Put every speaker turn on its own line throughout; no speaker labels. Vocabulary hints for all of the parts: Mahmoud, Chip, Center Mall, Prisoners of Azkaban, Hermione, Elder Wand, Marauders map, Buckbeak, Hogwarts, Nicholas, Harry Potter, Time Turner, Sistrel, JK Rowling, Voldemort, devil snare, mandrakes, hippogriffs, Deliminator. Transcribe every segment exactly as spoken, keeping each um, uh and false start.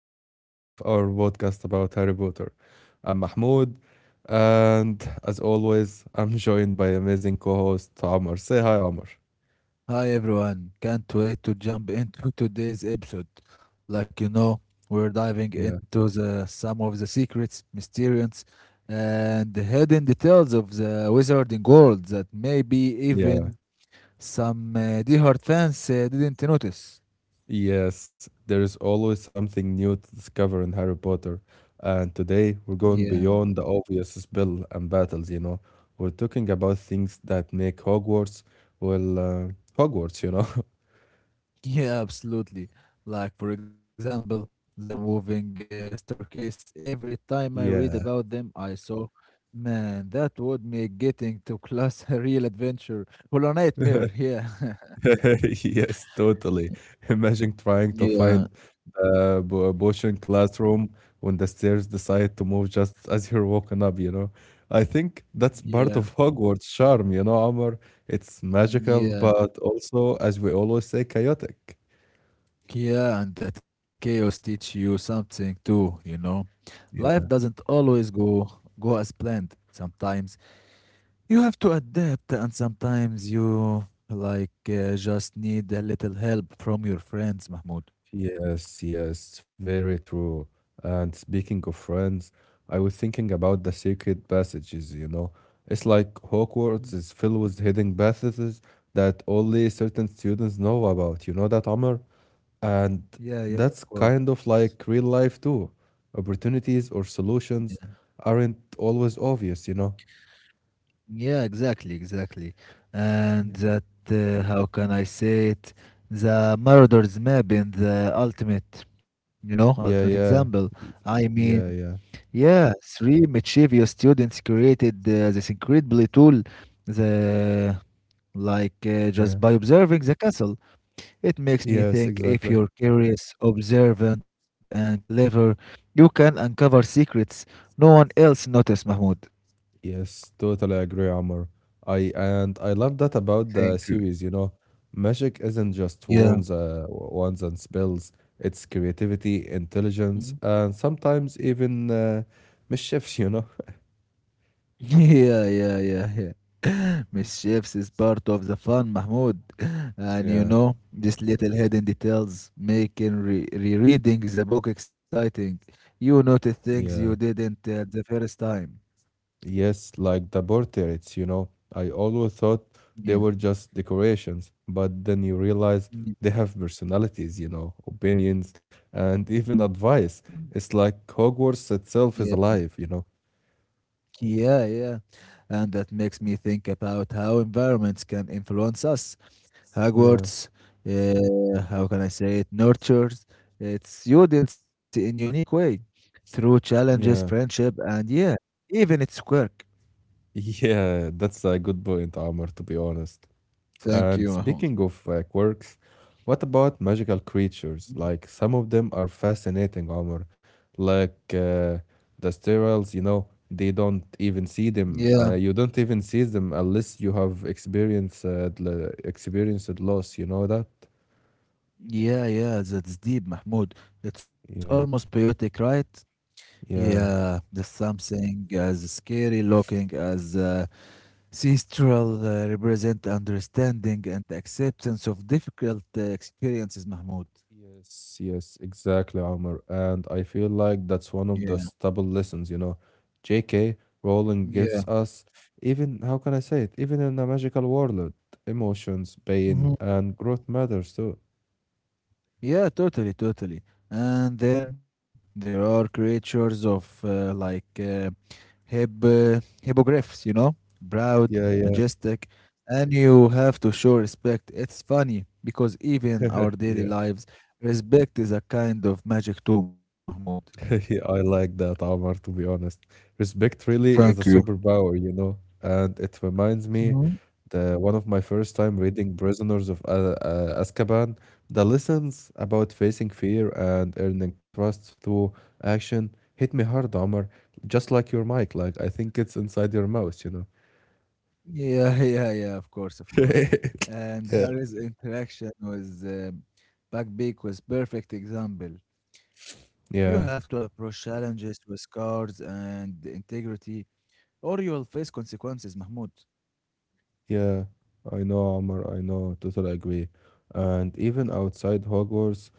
to part two of our podcast about Harry Potter. I'm Mahmoud, and as always, I'm joined by amazing co host Amr. Say hi, Amr.
Hi everyone, can't wait to jump into today's episode. Like you know, we're diving
Yeah,
into the some of the secrets, mysterious, and hidden details of the wizarding world that maybe
yeah,
even some uh, diehard fans uh, didn't notice.
yes, there is always something new to discover in Harry Potter, and today
Yeah.
we're going beyond the obvious spell and battles, you know. We're talking about things that make Hogwarts, well, uh, Hogwarts, you know.
Yeah, absolutely. Like, for example, the moving uh, staircase. Every time I read about them, I
Yeah.
saw, man, that would make getting to class a real adventure. Well, a nightmare, yeah.
Yes, totally. Imagine trying to
Yeah,
find the bo- Boshin classroom when the stairs decide to move just as you're walking up, you know. I think that's part
yeah,
of Hogwarts charm, you know, Amar. It's magical,
yeah.
but also, as we always say, chaotic.
Yeah, and that chaos teach you something too, you know. Life
Yeah.
doesn't always go go as planned. Sometimes you have to adapt, and sometimes you like uh, just need a little help from your friends, Mahmoud.
Yes, yes, very true. And speaking of friends, I was thinking about the secret passages, you know. It's like Hogwarts
Mm.
is filled with hidden passages that only certain students know about. You know that, Amr? And
Yeah, yeah, of
that's kind
course.
of like real life too. Opportunities or
Yeah,
solutions aren't always obvious, you know?
yeah, exactly, exactly. And
Yeah.
that, uh, how can I say it? The Marauders map in the ultimate, you know, ultimate
Yeah,
example.
yeah. y-
I mean,
Yeah, yeah.
yeah, three mischievous students created uh, this incredible tool, the like uh,
Yeah.
just by observing the castle. It makes me
Yes,
think
exactly.
if you're curious, observant, and clever, you can uncover secrets no one else noticed, Mahmoud.
Yes, totally agree, Amr. I and I love that about the
Thank you.
series, you know. Magic isn't just
Yeah.
wands, uh, wands and spells. It's creativity,
Mm.
intelligence, and sometimes even uh, mischiefs, you know.
Yeah, yeah, yeah, yeah. Mischiefs is part of the fun, Mahmoud. And you
Yeah,
know, these little hidden details making re rereading the book exciting. You notice things
yeah.
you didn't uh, the first time.
Yes, like the portraits, you know. I always thought they were
Yeah.
just decorations, but then you realize
Mm,
they have personalities, you know, opinions, and even advice. It's like Hogwarts
yeah,
itself is alive, you know.
yeah, yeah. And that makes me think about how environments can influence us.
Yeah.
Hogwarts, uh, how can I say it, nurtures its students in a unique way through challenges,
Yeah,
friendship, and yeah, even its work.
yeah, that's a good point, Amr, to be honest.
Thank
And
you, Mahmoud.
speaking of uh, quirks, what about magical creatures?
Mm,
Like, some of them are fascinating, Amr. Like uh, the sterols, you know, they don't even see them.
yeah,
Uh, you don't even see them unless you have experienced uh, l- experienced loss, you know that?
yeah, yeah, that's deep, Mahmoud. It's almost
Yeah,
poetic, right? Yeah,
yeah.
there's something as scary looking as uh, Sistrel uh, represent understanding and acceptance of difficult uh, experiences, Mahmoud.
Yes, yes, exactly, Omar. And I feel like that's
Yeah.
one of the stable lessons, you know. J K Rowling
Yeah.
gives us, even, how can I say it, even in a magical world, emotions, pain,
Mhm.
and growth matters too.
Yeah, totally, totally. And then there are creatures of uh, like uh, hip, uh, hippogriffs, you know, proud,
Yeah, yeah,
majestic, and you have to show respect. It's funny because even our daily
yeah.
lives, respect is a kind of magic too, Mahmoud.
Yeah, I like that, Omar, to be honest. Respect really
Thank
is a
you.
superpower, you know. And it reminds me the one of my first time reading Prisoners of uh, uh, Azkaban, the lessons about facing fear and earning trust through action hit me hard, Omar. Just like your mic, like I think it's inside your mouth, you know.
Yeah, yeah, yeah, of course, of course. And
yeah.
Harry's interaction with um, Buckbeak was perfect example. You have
Yeah.
to approach challenges with cards and integrity, or you will face consequences, Mahmoud.
Yeah, I know, Omar, I know, totally agree. And even outside Hogwarts,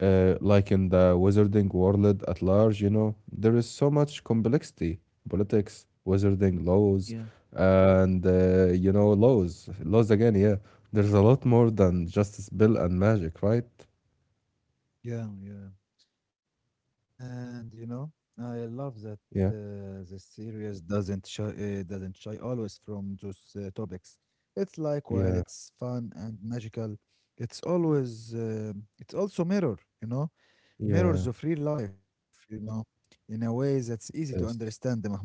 uh, like in the wizarding world at large, you know, there is so much complexity, politics, wizarding
Yeah.
laws, and uh, you know, laws, laws again, yeah. There's a lot more than just spell and magic, right?
Yeah, yeah. And you know, I love that
Yeah,
uh, the series doesn't shy, uh, doesn't shy always from those uh, topics. It's like while
yeah,
it's fun and magical, it's always uh, it's also mirror, you know. Mirrors
yeah,
of real life, you know, in a way that's easy to
yes.
understand, Mahmoud.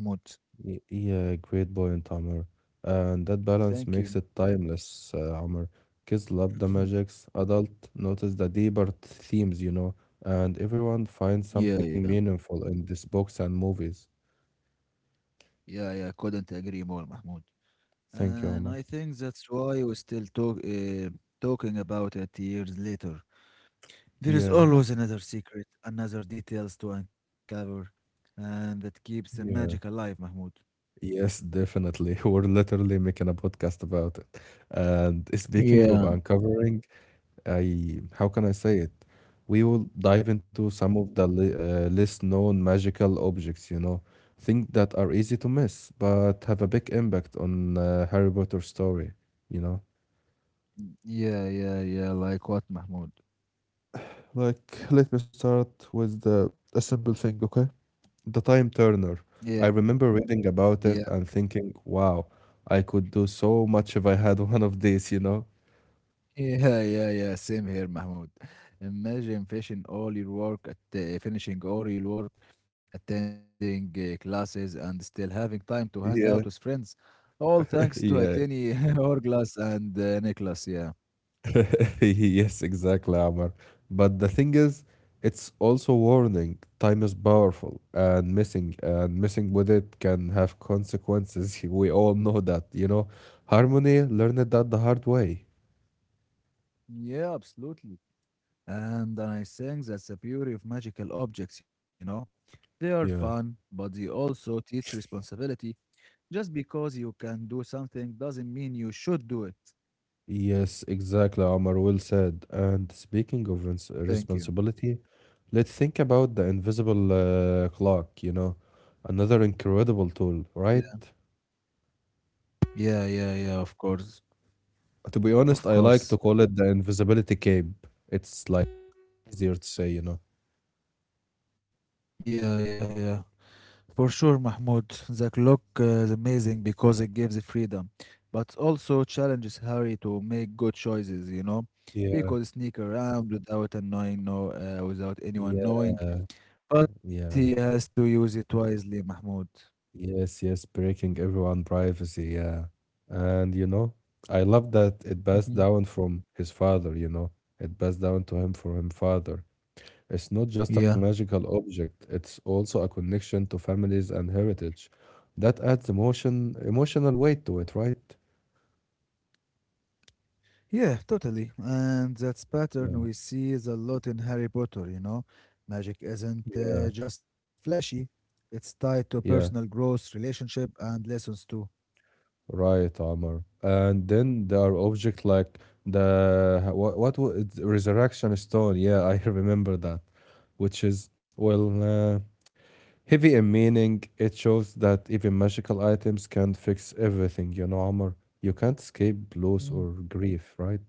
Y- Yeah, great point, Amr. And that balance
Thank
makes
you.
it timeless, uh, Amr. Kids love the magics, adult notice the deeper themes, you know, and everyone
Yeah,
finds
yeah,
something meaningful in these books and movies.
yeah, yeah. Couldn't agree more, Mahmoud.
Thank you,
And
Amr.
I think that's why we're still talk, uh, talking about it years later. There is
Yeah,
always another secret, another details to uncover, and that keeps the magic
yeah,
alive, Mahmoud.
yes, definitely. We're literally making a podcast about it. And speaking of
Yeah,
uncovering I how can I say it? We will dive into some of the le uh, less known magical objects, you know, things that are easy to miss but have a big impact on uh, Harry Potter story, you know.
yeah, yeah, yeah. Like what, Mahmoud?
Like, let me start with the a simple thing, okay? The Time Turner.
Yeah,
I remember reading about
yeah.
it and thinking, wow, I could do so much if I had one of these, you know?
Yeah, yeah, yeah. Same here, Mahmoud. Imagine finishing all your work at uh, finishing all your work, attending uh, classes, and still having time to hang out with
Yeah,
friends. All thanks to a
yeah,
tiny hourglass and uh, Nicholas. Yeah.
yes, exactly, Amar. But the thing is, it's also warning. Time is powerful, and missing and missing with it can have consequences. We all know that, you know. Harmony learned that the hard way.
Yeah, absolutely. And then I think that's the beauty of magical objects, you know. They are
Yeah.
fun, but they also teach responsibility. Just because you can do something doesn't mean you should do it.
Yes, exactly, Amar. Well said. And speaking of ins-
Thank you.
responsibility, let's think about the invisible uh, clock. You know, another incredible tool,
Yeah.
right?
Yeah, yeah, yeah, of course.
To be honest,
Of
I like to
course.
call it the invisibility cape. It's like easier to say, you know.
Yeah, yeah, yeah. For sure, Mahmoud. The clock uh, is amazing because it gives freedom, but also challenges Harry to make good choices, you know. He
Yeah,
could sneak around without annoying no, uh, without anyone
yeah,
knowing, but he
yeah.
has to use it wisely, Mahmoud.
Yes, yes, breaking everyone' privacy, yeah. And you know, I love that it passed
Mhm.
down from his father, you know. It passed down to him from his father. It's not just a
Yeah.
magical object, it's also a connection to families and heritage. That adds emotion, emotional weight to it, right?
Yeah, totally. And that's pattern
Yeah,
we see is a lot in Harry Potter, you know. Magic isn't
yeah,
uh, just flashy, it's tied to personal
yeah.
growth, relationship, and lessons too.
Right, Omar. And then there are objects like the what what wa- it's resurrection stone. Yeah, I remember that, which is well uh, heavy in meaning. It shows that even magical items can't fix everything. You know, Omar. You can't escape loss
Mm.
or grief, right?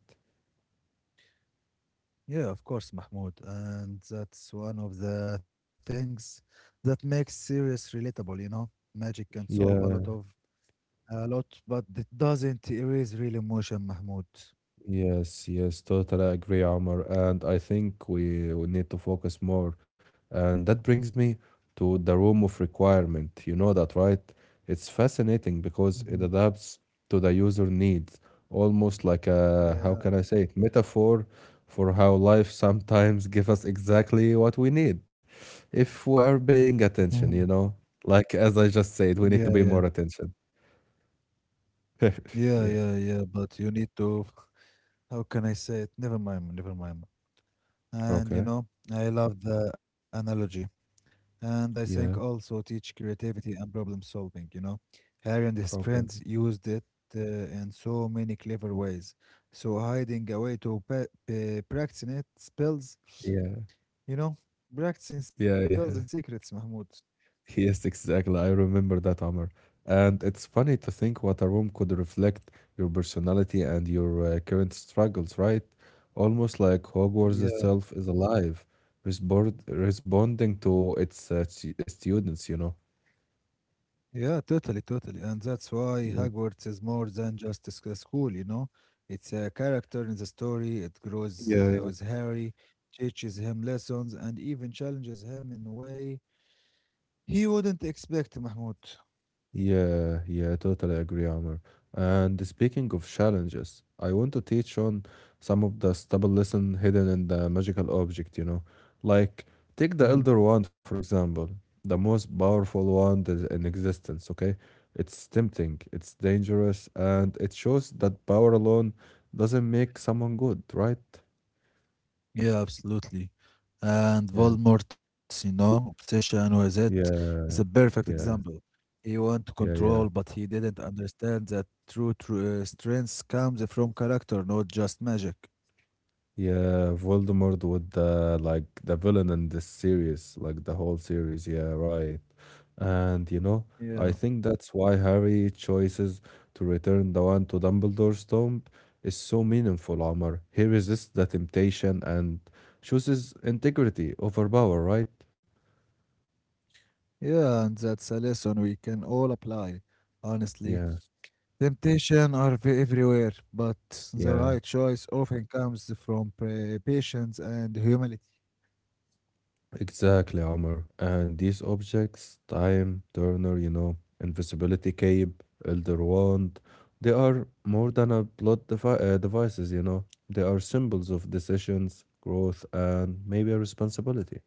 Yeah, of course, Mahmoud. And that's one of the things that makes series relatable, you know. Magic can solve a lot of
Yeah.
a lot, but it doesn't erase real emotion, Mahmoud.
Yes, yes, totally agree, Omar. And I think we, we need to focus more. And that brings me to the room of requirement. You know that, right? It's fascinating because
Mhm.
it adapts to the user needs, almost like a, how
Yeah.
can I say it, metaphor for how life sometimes gives us exactly what we need if we are paying
Mhm.
attention, you know? Like, as I just said, we
Yeah,
need to be
yeah,
more attention.
yeah,
Yeah.
yeah, yeah. But you need to, how can I say it? Never mind, never mind. And you
Okay.
know, I love the analogy. And I think
Yeah.
also teach creativity and problem solving, you know. Harry and his
Okay.
friends used it uh, in so many clever ways. So hiding away to pa- pa- practicing it spells,
Yeah.
you know, practicing
Yeah,
spells and
yeah.
secrets, Mahmoud.
Yes, exactly. I remember that, Amr. And it's funny to think what a room could reflect your personality and your uh, current struggles, right? Almost like Hogwarts
Yeah.
itself is alive, respond responding to its uh, stu- students, you know?
Yeah, totally, totally. And that's why
Yeah.
Hogwarts is more than just a sc- a school, you know? It's a character in the story. It grows uh,
Yeah,
with Harry, teaches him lessons, and even challenges him in a way he wouldn't expect, Mahmoud.
Yeah, yeah, totally agree, Amr. And speaking of challenges, I want to teach on some of the stubborn lesson hidden in the magical object, you know. Like, take the
Mhm.
Elder Wand, for example, the most powerful wand is in existence, okay? It's tempting, it's dangerous, and it shows that power alone doesn't make someone good, right?
Yeah, absolutely. And
Yeah,
Voldemort's, you know, obsession with it
yeah,
is a perfect
yeah,
example. He wanted to
yeah,
control,
yeah.
but he didn't understand that true, true uh, strength comes from character, not just magic.
Yeah, Voldemort with the like the villain in this series, like the whole series. Yeah, right. And you know,
Yeah.
I think that's why Harry chooses to return the wand to Dumbledore's tomb is so meaningful, Omar. He resists the temptation and chooses integrity over power, right?
Yeah, and that's a lesson we can all apply. Honestly,
Yeah,
temptation are ve- everywhere, but the
yeah.
right choice often comes from pre- patience and humility.
Exactly, Amr. And these objects, time, turner, you know, invisibility cape, elder wand, they are more than a plot devi uh, devices, you know. They are symbols of decisions, growth, and maybe a responsibility.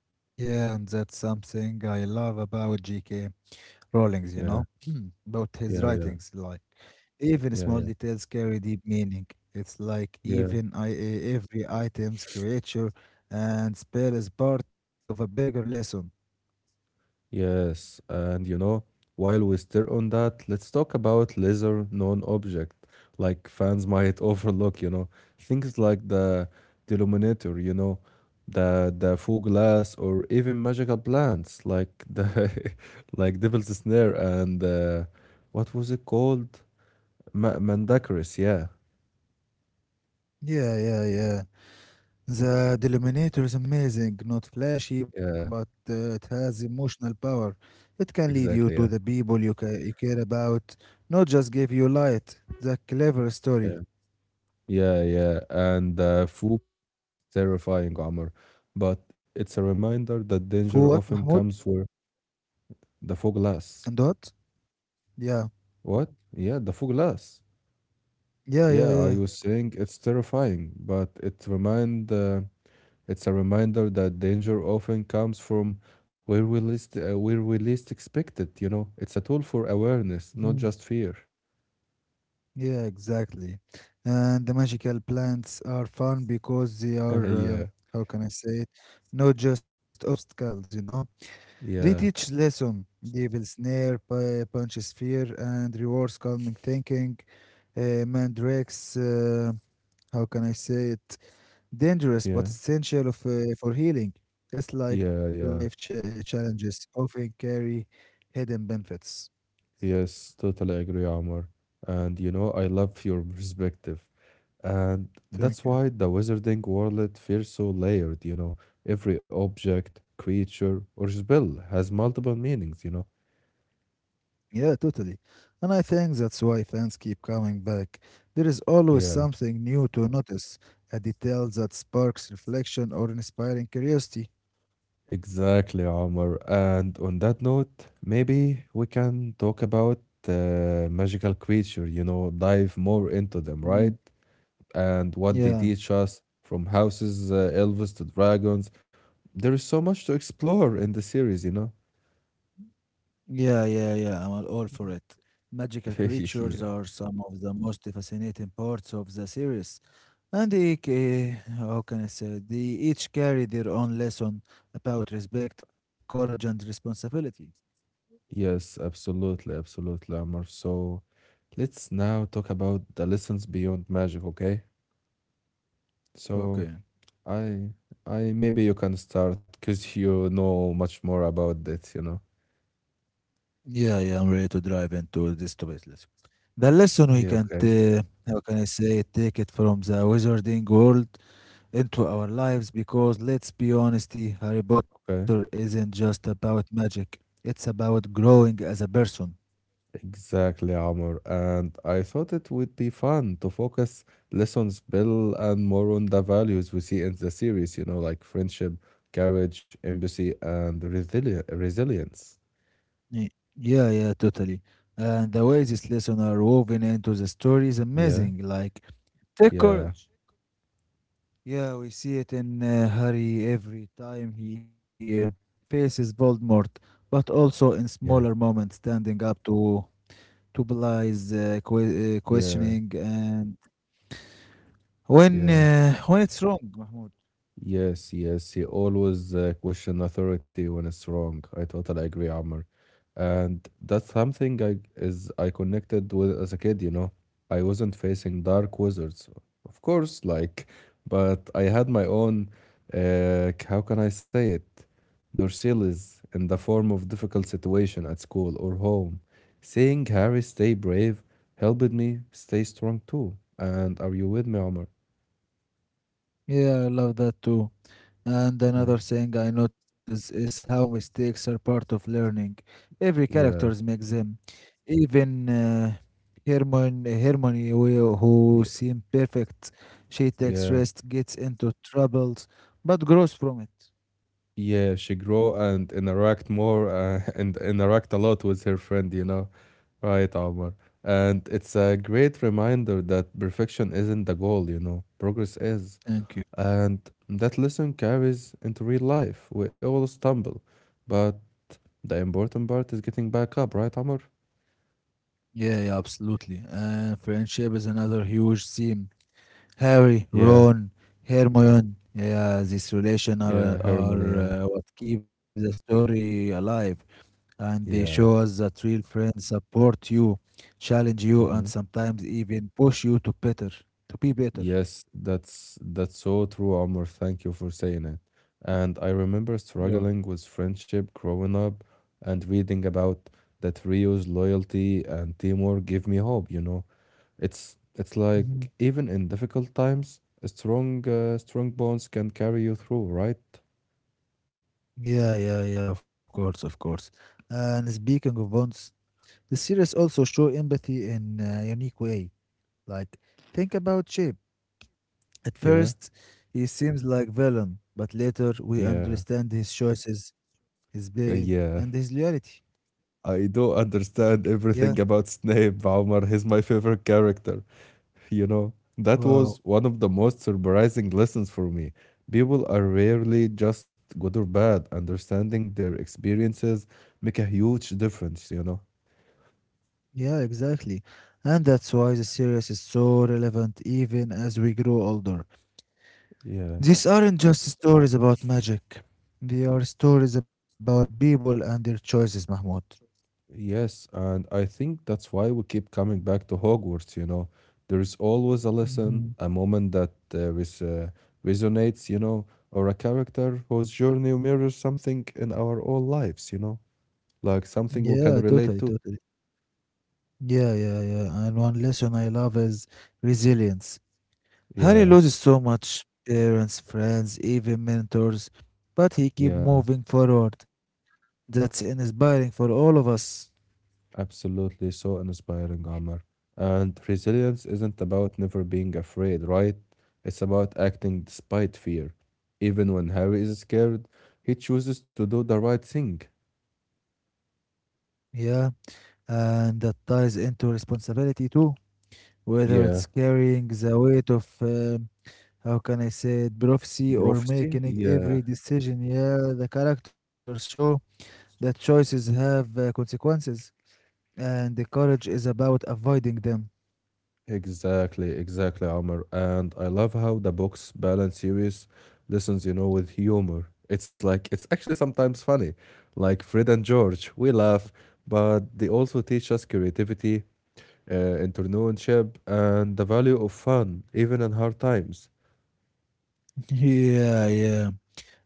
Yeah, and that's something I love about G K. Rowling's, you know,
Yeah,
about his
yeah, yeah,
writings. Like, even
yeah,
small
yeah,
details carry deep meaning. It's like
yeah.
even I, e- every item's creature and spell is part of a bigger lesson.
Yes, and you know, while we stir on that, let's talk about lesser known object, like fans might overlook, you know, things like the denominator, you know, the the full glass, or even magical plants like the like devil's snare and uh, what was it called? Ma Mandacaris, yeah,
Yeah, yeah, yeah. The Deliminator is amazing, not flashy, but
yeah,
uh, it has emotional power. It can lead you
exactly,
to
yeah,
the people you, ca- you care about, not just give you light. The clever
yeah,
story.
yeah, yeah, and uh, faux Terrifying, Omar. But it's a reminder that danger
For what,
often comes
Mahmoud?
for the fog glass.
And what? Yeah,
What? Yeah, the fog glass.
yeah, yeah,
Yeah, I
yeah.
was saying it's terrifying, but it remind uh, it's a reminder that danger often comes from where we least uh, where we least expect it. You know, it's a tool for awareness, not
Mhm.
just fear.
Yeah, exactly. And the magical plants are fun because they are,
yeah,
um how can I say it, not just obstacles, you know? They teach
yeah,
lesson, devil snare, pu- punches fear, and rewards calming thinking. Uh, mandrakes, uh, how can I say it? Dangerous but
yeah,
essential of, uh, for healing. It's like
yeah,
life ch-
yeah.
uh, challenges often carry hidden benefits.
Yes, totally agree, Omar. And you know, I love your perspective. And
Thank
that's
you.
why the wizarding world feels so layered, you know. Every object, creature, or spell has multiple meanings, you know.
Yeah, totally. And I think that's why fans keep coming back. There is always
Yeah,
something new to notice, a detail that sparks reflection or inspiring curiosity.
exactly, Omar. And on that note, maybe we can talk about uh, magical creature, you know, dive more into them,
Mm.
right? And what they
Yeah.
teach us from houses, uh, elves to dragons. There is so much to explore in the series, you know.
Yeah, yeah, yeah. I'm all for it. Magical creatures
yeah.
are some of the most fascinating parts of the series, and they, ca- how can I say, they each carry their own lesson about respect, courage, and responsibility.
Yes, absolutely, absolutely, Amr. So let's now talk about the lessons beyond magic, okay? So
Okay.
I I maybe you can start because you know much more about that, you know.
Yeah, yeah. I'm ready to dive into this topic. Let's go. The lesson we
Yeah,
can,
okay.
t- how can I say, take it from the wizarding world into our lives because let's be honest, Harry Potter
Okay.
isn't just about magic. It's about growing as a person.
Exactly, Amr. And I thought it would be fun to focus less on spell and more on the values we see in the series, you know, like friendship, courage, empathy, and resili resilience.
Ye- Yeah, yeah, totally. And the way these lessons are woven into the story is
Yeah,
amazing. Like, take
yeah,
courage. Yeah, we see it in uh, Harry every time he uh, faces Voldemort, but also in smaller
yeah,
moments, standing up to to Bly's uh, que- uh,
yeah.
questioning and when
Yeah.
uh, when it's wrong. Mahmoud.
Yes, yes, he always uh, question authority when it's wrong. I totally agree, Amr. And that's something I is I connected with as a kid, you know. I wasn't facing dark wizards, of course, like, but I had my own, uh, k- how can I say it, Dorsilis in the form of difficult situation at school or home. Seeing Harry stay brave helped me stay strong too. And are you with me, Amr?
Yeah, I love that too. And
Yeah.
another thing I notice is how mistakes are part of learning. Every characters
Yeah.
makes them. Even uh, Hermione, Hermione, who who
Yeah.
seemed perfect, she takes
Yeah.
risks, gets into troubles, but grows from it.
Yeah, she grow and interact more uh, and interact a lot with her friend, you know. Right, Omar. And it's a great reminder that perfection isn't the goal, you know. Progress is.
Thank you.
And that lesson carries into real life. We all stumble, but the important part is getting back up, right, Omar?
Yeah, yeah, absolutely. And friendship is another huge theme. Harry,
Yeah,
Ron, Hermione. Yeah, this relation are
yeah, harmony,
are
yeah,
uh, what keep the story alive. And they show us
yeah.
that real friends support you, challenge you, and
Mhm.
sometimes even push you to better, to be better.
Yes, that's that's so true, Omar. Thank you for saying it. And I remember
Yol.
struggling with friendship growing up and reading about that Rio's loyalty and teamwork give me hope, you know. It's it's
Mhm.
like even in difficult times, a strong uh, strong bonds can carry you through, right?
Yeah, yeah, yeah, of course, of course. And speaking of bonds, the series also show empathy in a unique way. Like, think about Chip. At
Yeah.
first, he seems like villain, but later we
Yeah.
understand his choices, his pain,
Uh,
and
Yeah.
his loyalty.
I do understand
Yeah,
everything about Snape, Omar. He's my favorite character. You know, that
wow.
was one of the most surprising lessons for me. People are rarely just good or bad. Understanding their experiences make a huge difference, you know.
Yeah, exactly. And that's why the series is so relevant even as we grow older.
Yeah.
These aren't just stories about magic. They are stories about people and their choices, Mahmoud.
Yes, and I think that's why we keep coming back to Hogwarts, you know. There's always a lesson,
Mhm.
a moment that uh, res uh, resonates, you know, or a character whose journey mirrors something in our own lives, you know, like something
Yeah,
we can
totally,
relate to.
totally. Yeah, yeah, yeah. And one lesson I love is resilience. Harry
Yeah,
loses so much parents, friends, even mentors, but he keep
yeah.
moving forward. That's inspiring for all of us.
Absolutely so inspiring, Amr. And resilience isn't about never being afraid, right? It's about acting despite fear. Even when Harry is scared, he chooses to do the right thing.
Yeah. And that ties into responsibility too, whether
Yeah.
it's carrying the weight of, um, how can I say it, prophecy or
Prophecy?
making e-
Yeah.
every decision. Yeah, the characters show that choices have uh, consequences, and the courage is about avoiding them.
Exactly, exactly, Amr. And I love how the books balance serious lessons, you know, with humor. It's like, it's actually sometimes funny. Like Fred and George, we laugh, but they also teach us creativity, uh, entrepreneurship, and the value of fun, even in hard times.
Yeah, yeah.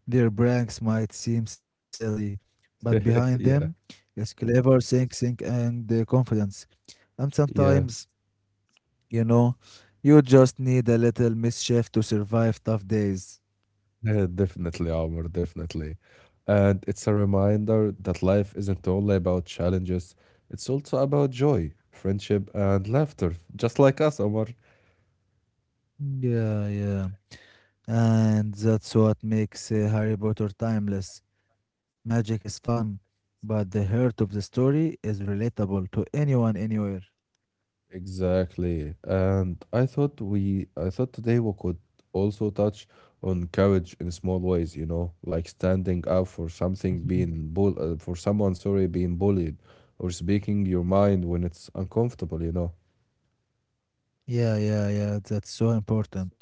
Their pranks might seem silly, but behind them
yeah,
is clever thinking and uh, confidence. And
yeah,
sometimes you know, you just need a little mischief to survive tough days.
yeah, definitely, Omar, definitely. And it's a reminder that life isn't only about challenges, it's also about joy, friendship, and laughter, just like us, Omar.
Yeah, yeah. And that's what makes uh, Harry Potter timeless. Magic is fun, but the heart of the story is relatable to anyone, anywhere.
Exactly. And I thought we I thought today we could also touch on courage in small ways, you know, like standing up for
Mhm.
something being bull uh, for someone, sorry, being bullied or speaking your mind when it's uncomfortable, you know.
Yeah, yeah, yeah. That's so important.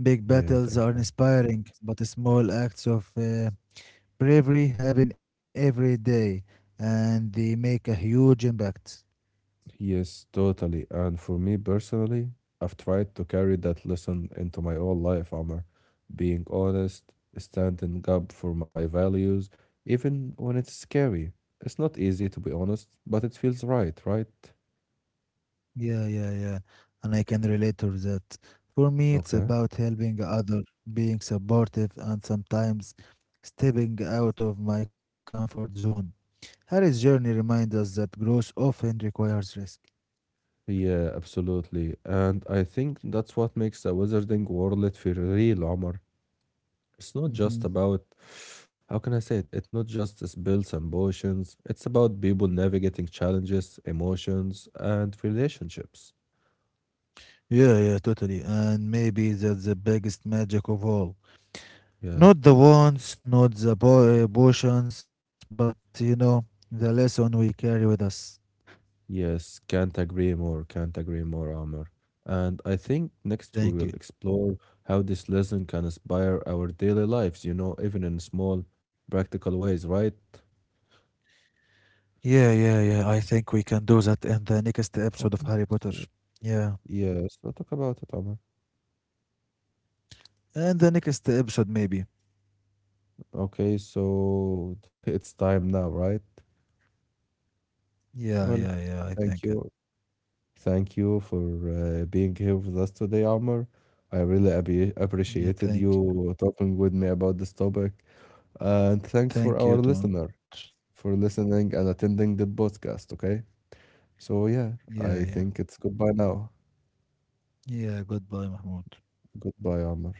Big
Yeah,
battles
thank
are
you.
inspiring, but small acts of uh, bravery happen every day and they make a huge impact.
Yes, totally. And for me personally, I've tried to carry that lesson into my whole life, Amr. Being honest, standing up for my values, even when it's scary. It's not easy to be honest, but it feels right, right?
Yeah, yeah, yeah. And I can relate to that. For me, it's
Okay.
about helping others, being supportive, and sometimes stepping out of my comfort zone. Harry's journey reminds us that growth often requires risk.
Yeah, absolutely. And I think that's what makes the wizarding world feel real, Omar. It's not just
Hmm.
about, how can I say it? It's not just spills and potions. It's about people navigating challenges, emotions, and relationships.
Yeah, yeah, totally. And maybe that's the biggest magic of all.
Yeah.
Not the wants, not the po- uh, potions, but you know, the lesson we carry with us.
Yes, can't agree more, can't agree more, Amr. And I think next we
Thank
will
you.
explore how this lesson can inspire our daily lives, you know, even in small, practical ways, right?
Yeah, yeah, yeah. I think we can do that in the next episode of
Okay.
Harry Potter.
So,
Yeah.
yes, we'll talk about it, Amr.
And the next episode maybe.
Okay, so it's time now, right?
Yeah, yeah,
Well,
yeah. I think
thank
it.
you. Thank you for uh, being here with us today, Amr. I really abbe-
Yeah,
appreciated
thank
you talking with me about this topic. And thanks for
thank you,
our
do
listener for listening and attending the podcast, okay? So, yeah,
Yeah,
I
yeah.
think it's goodbye now.
Yeah, goodbye, Mahmoud.
Goodbye, Amr.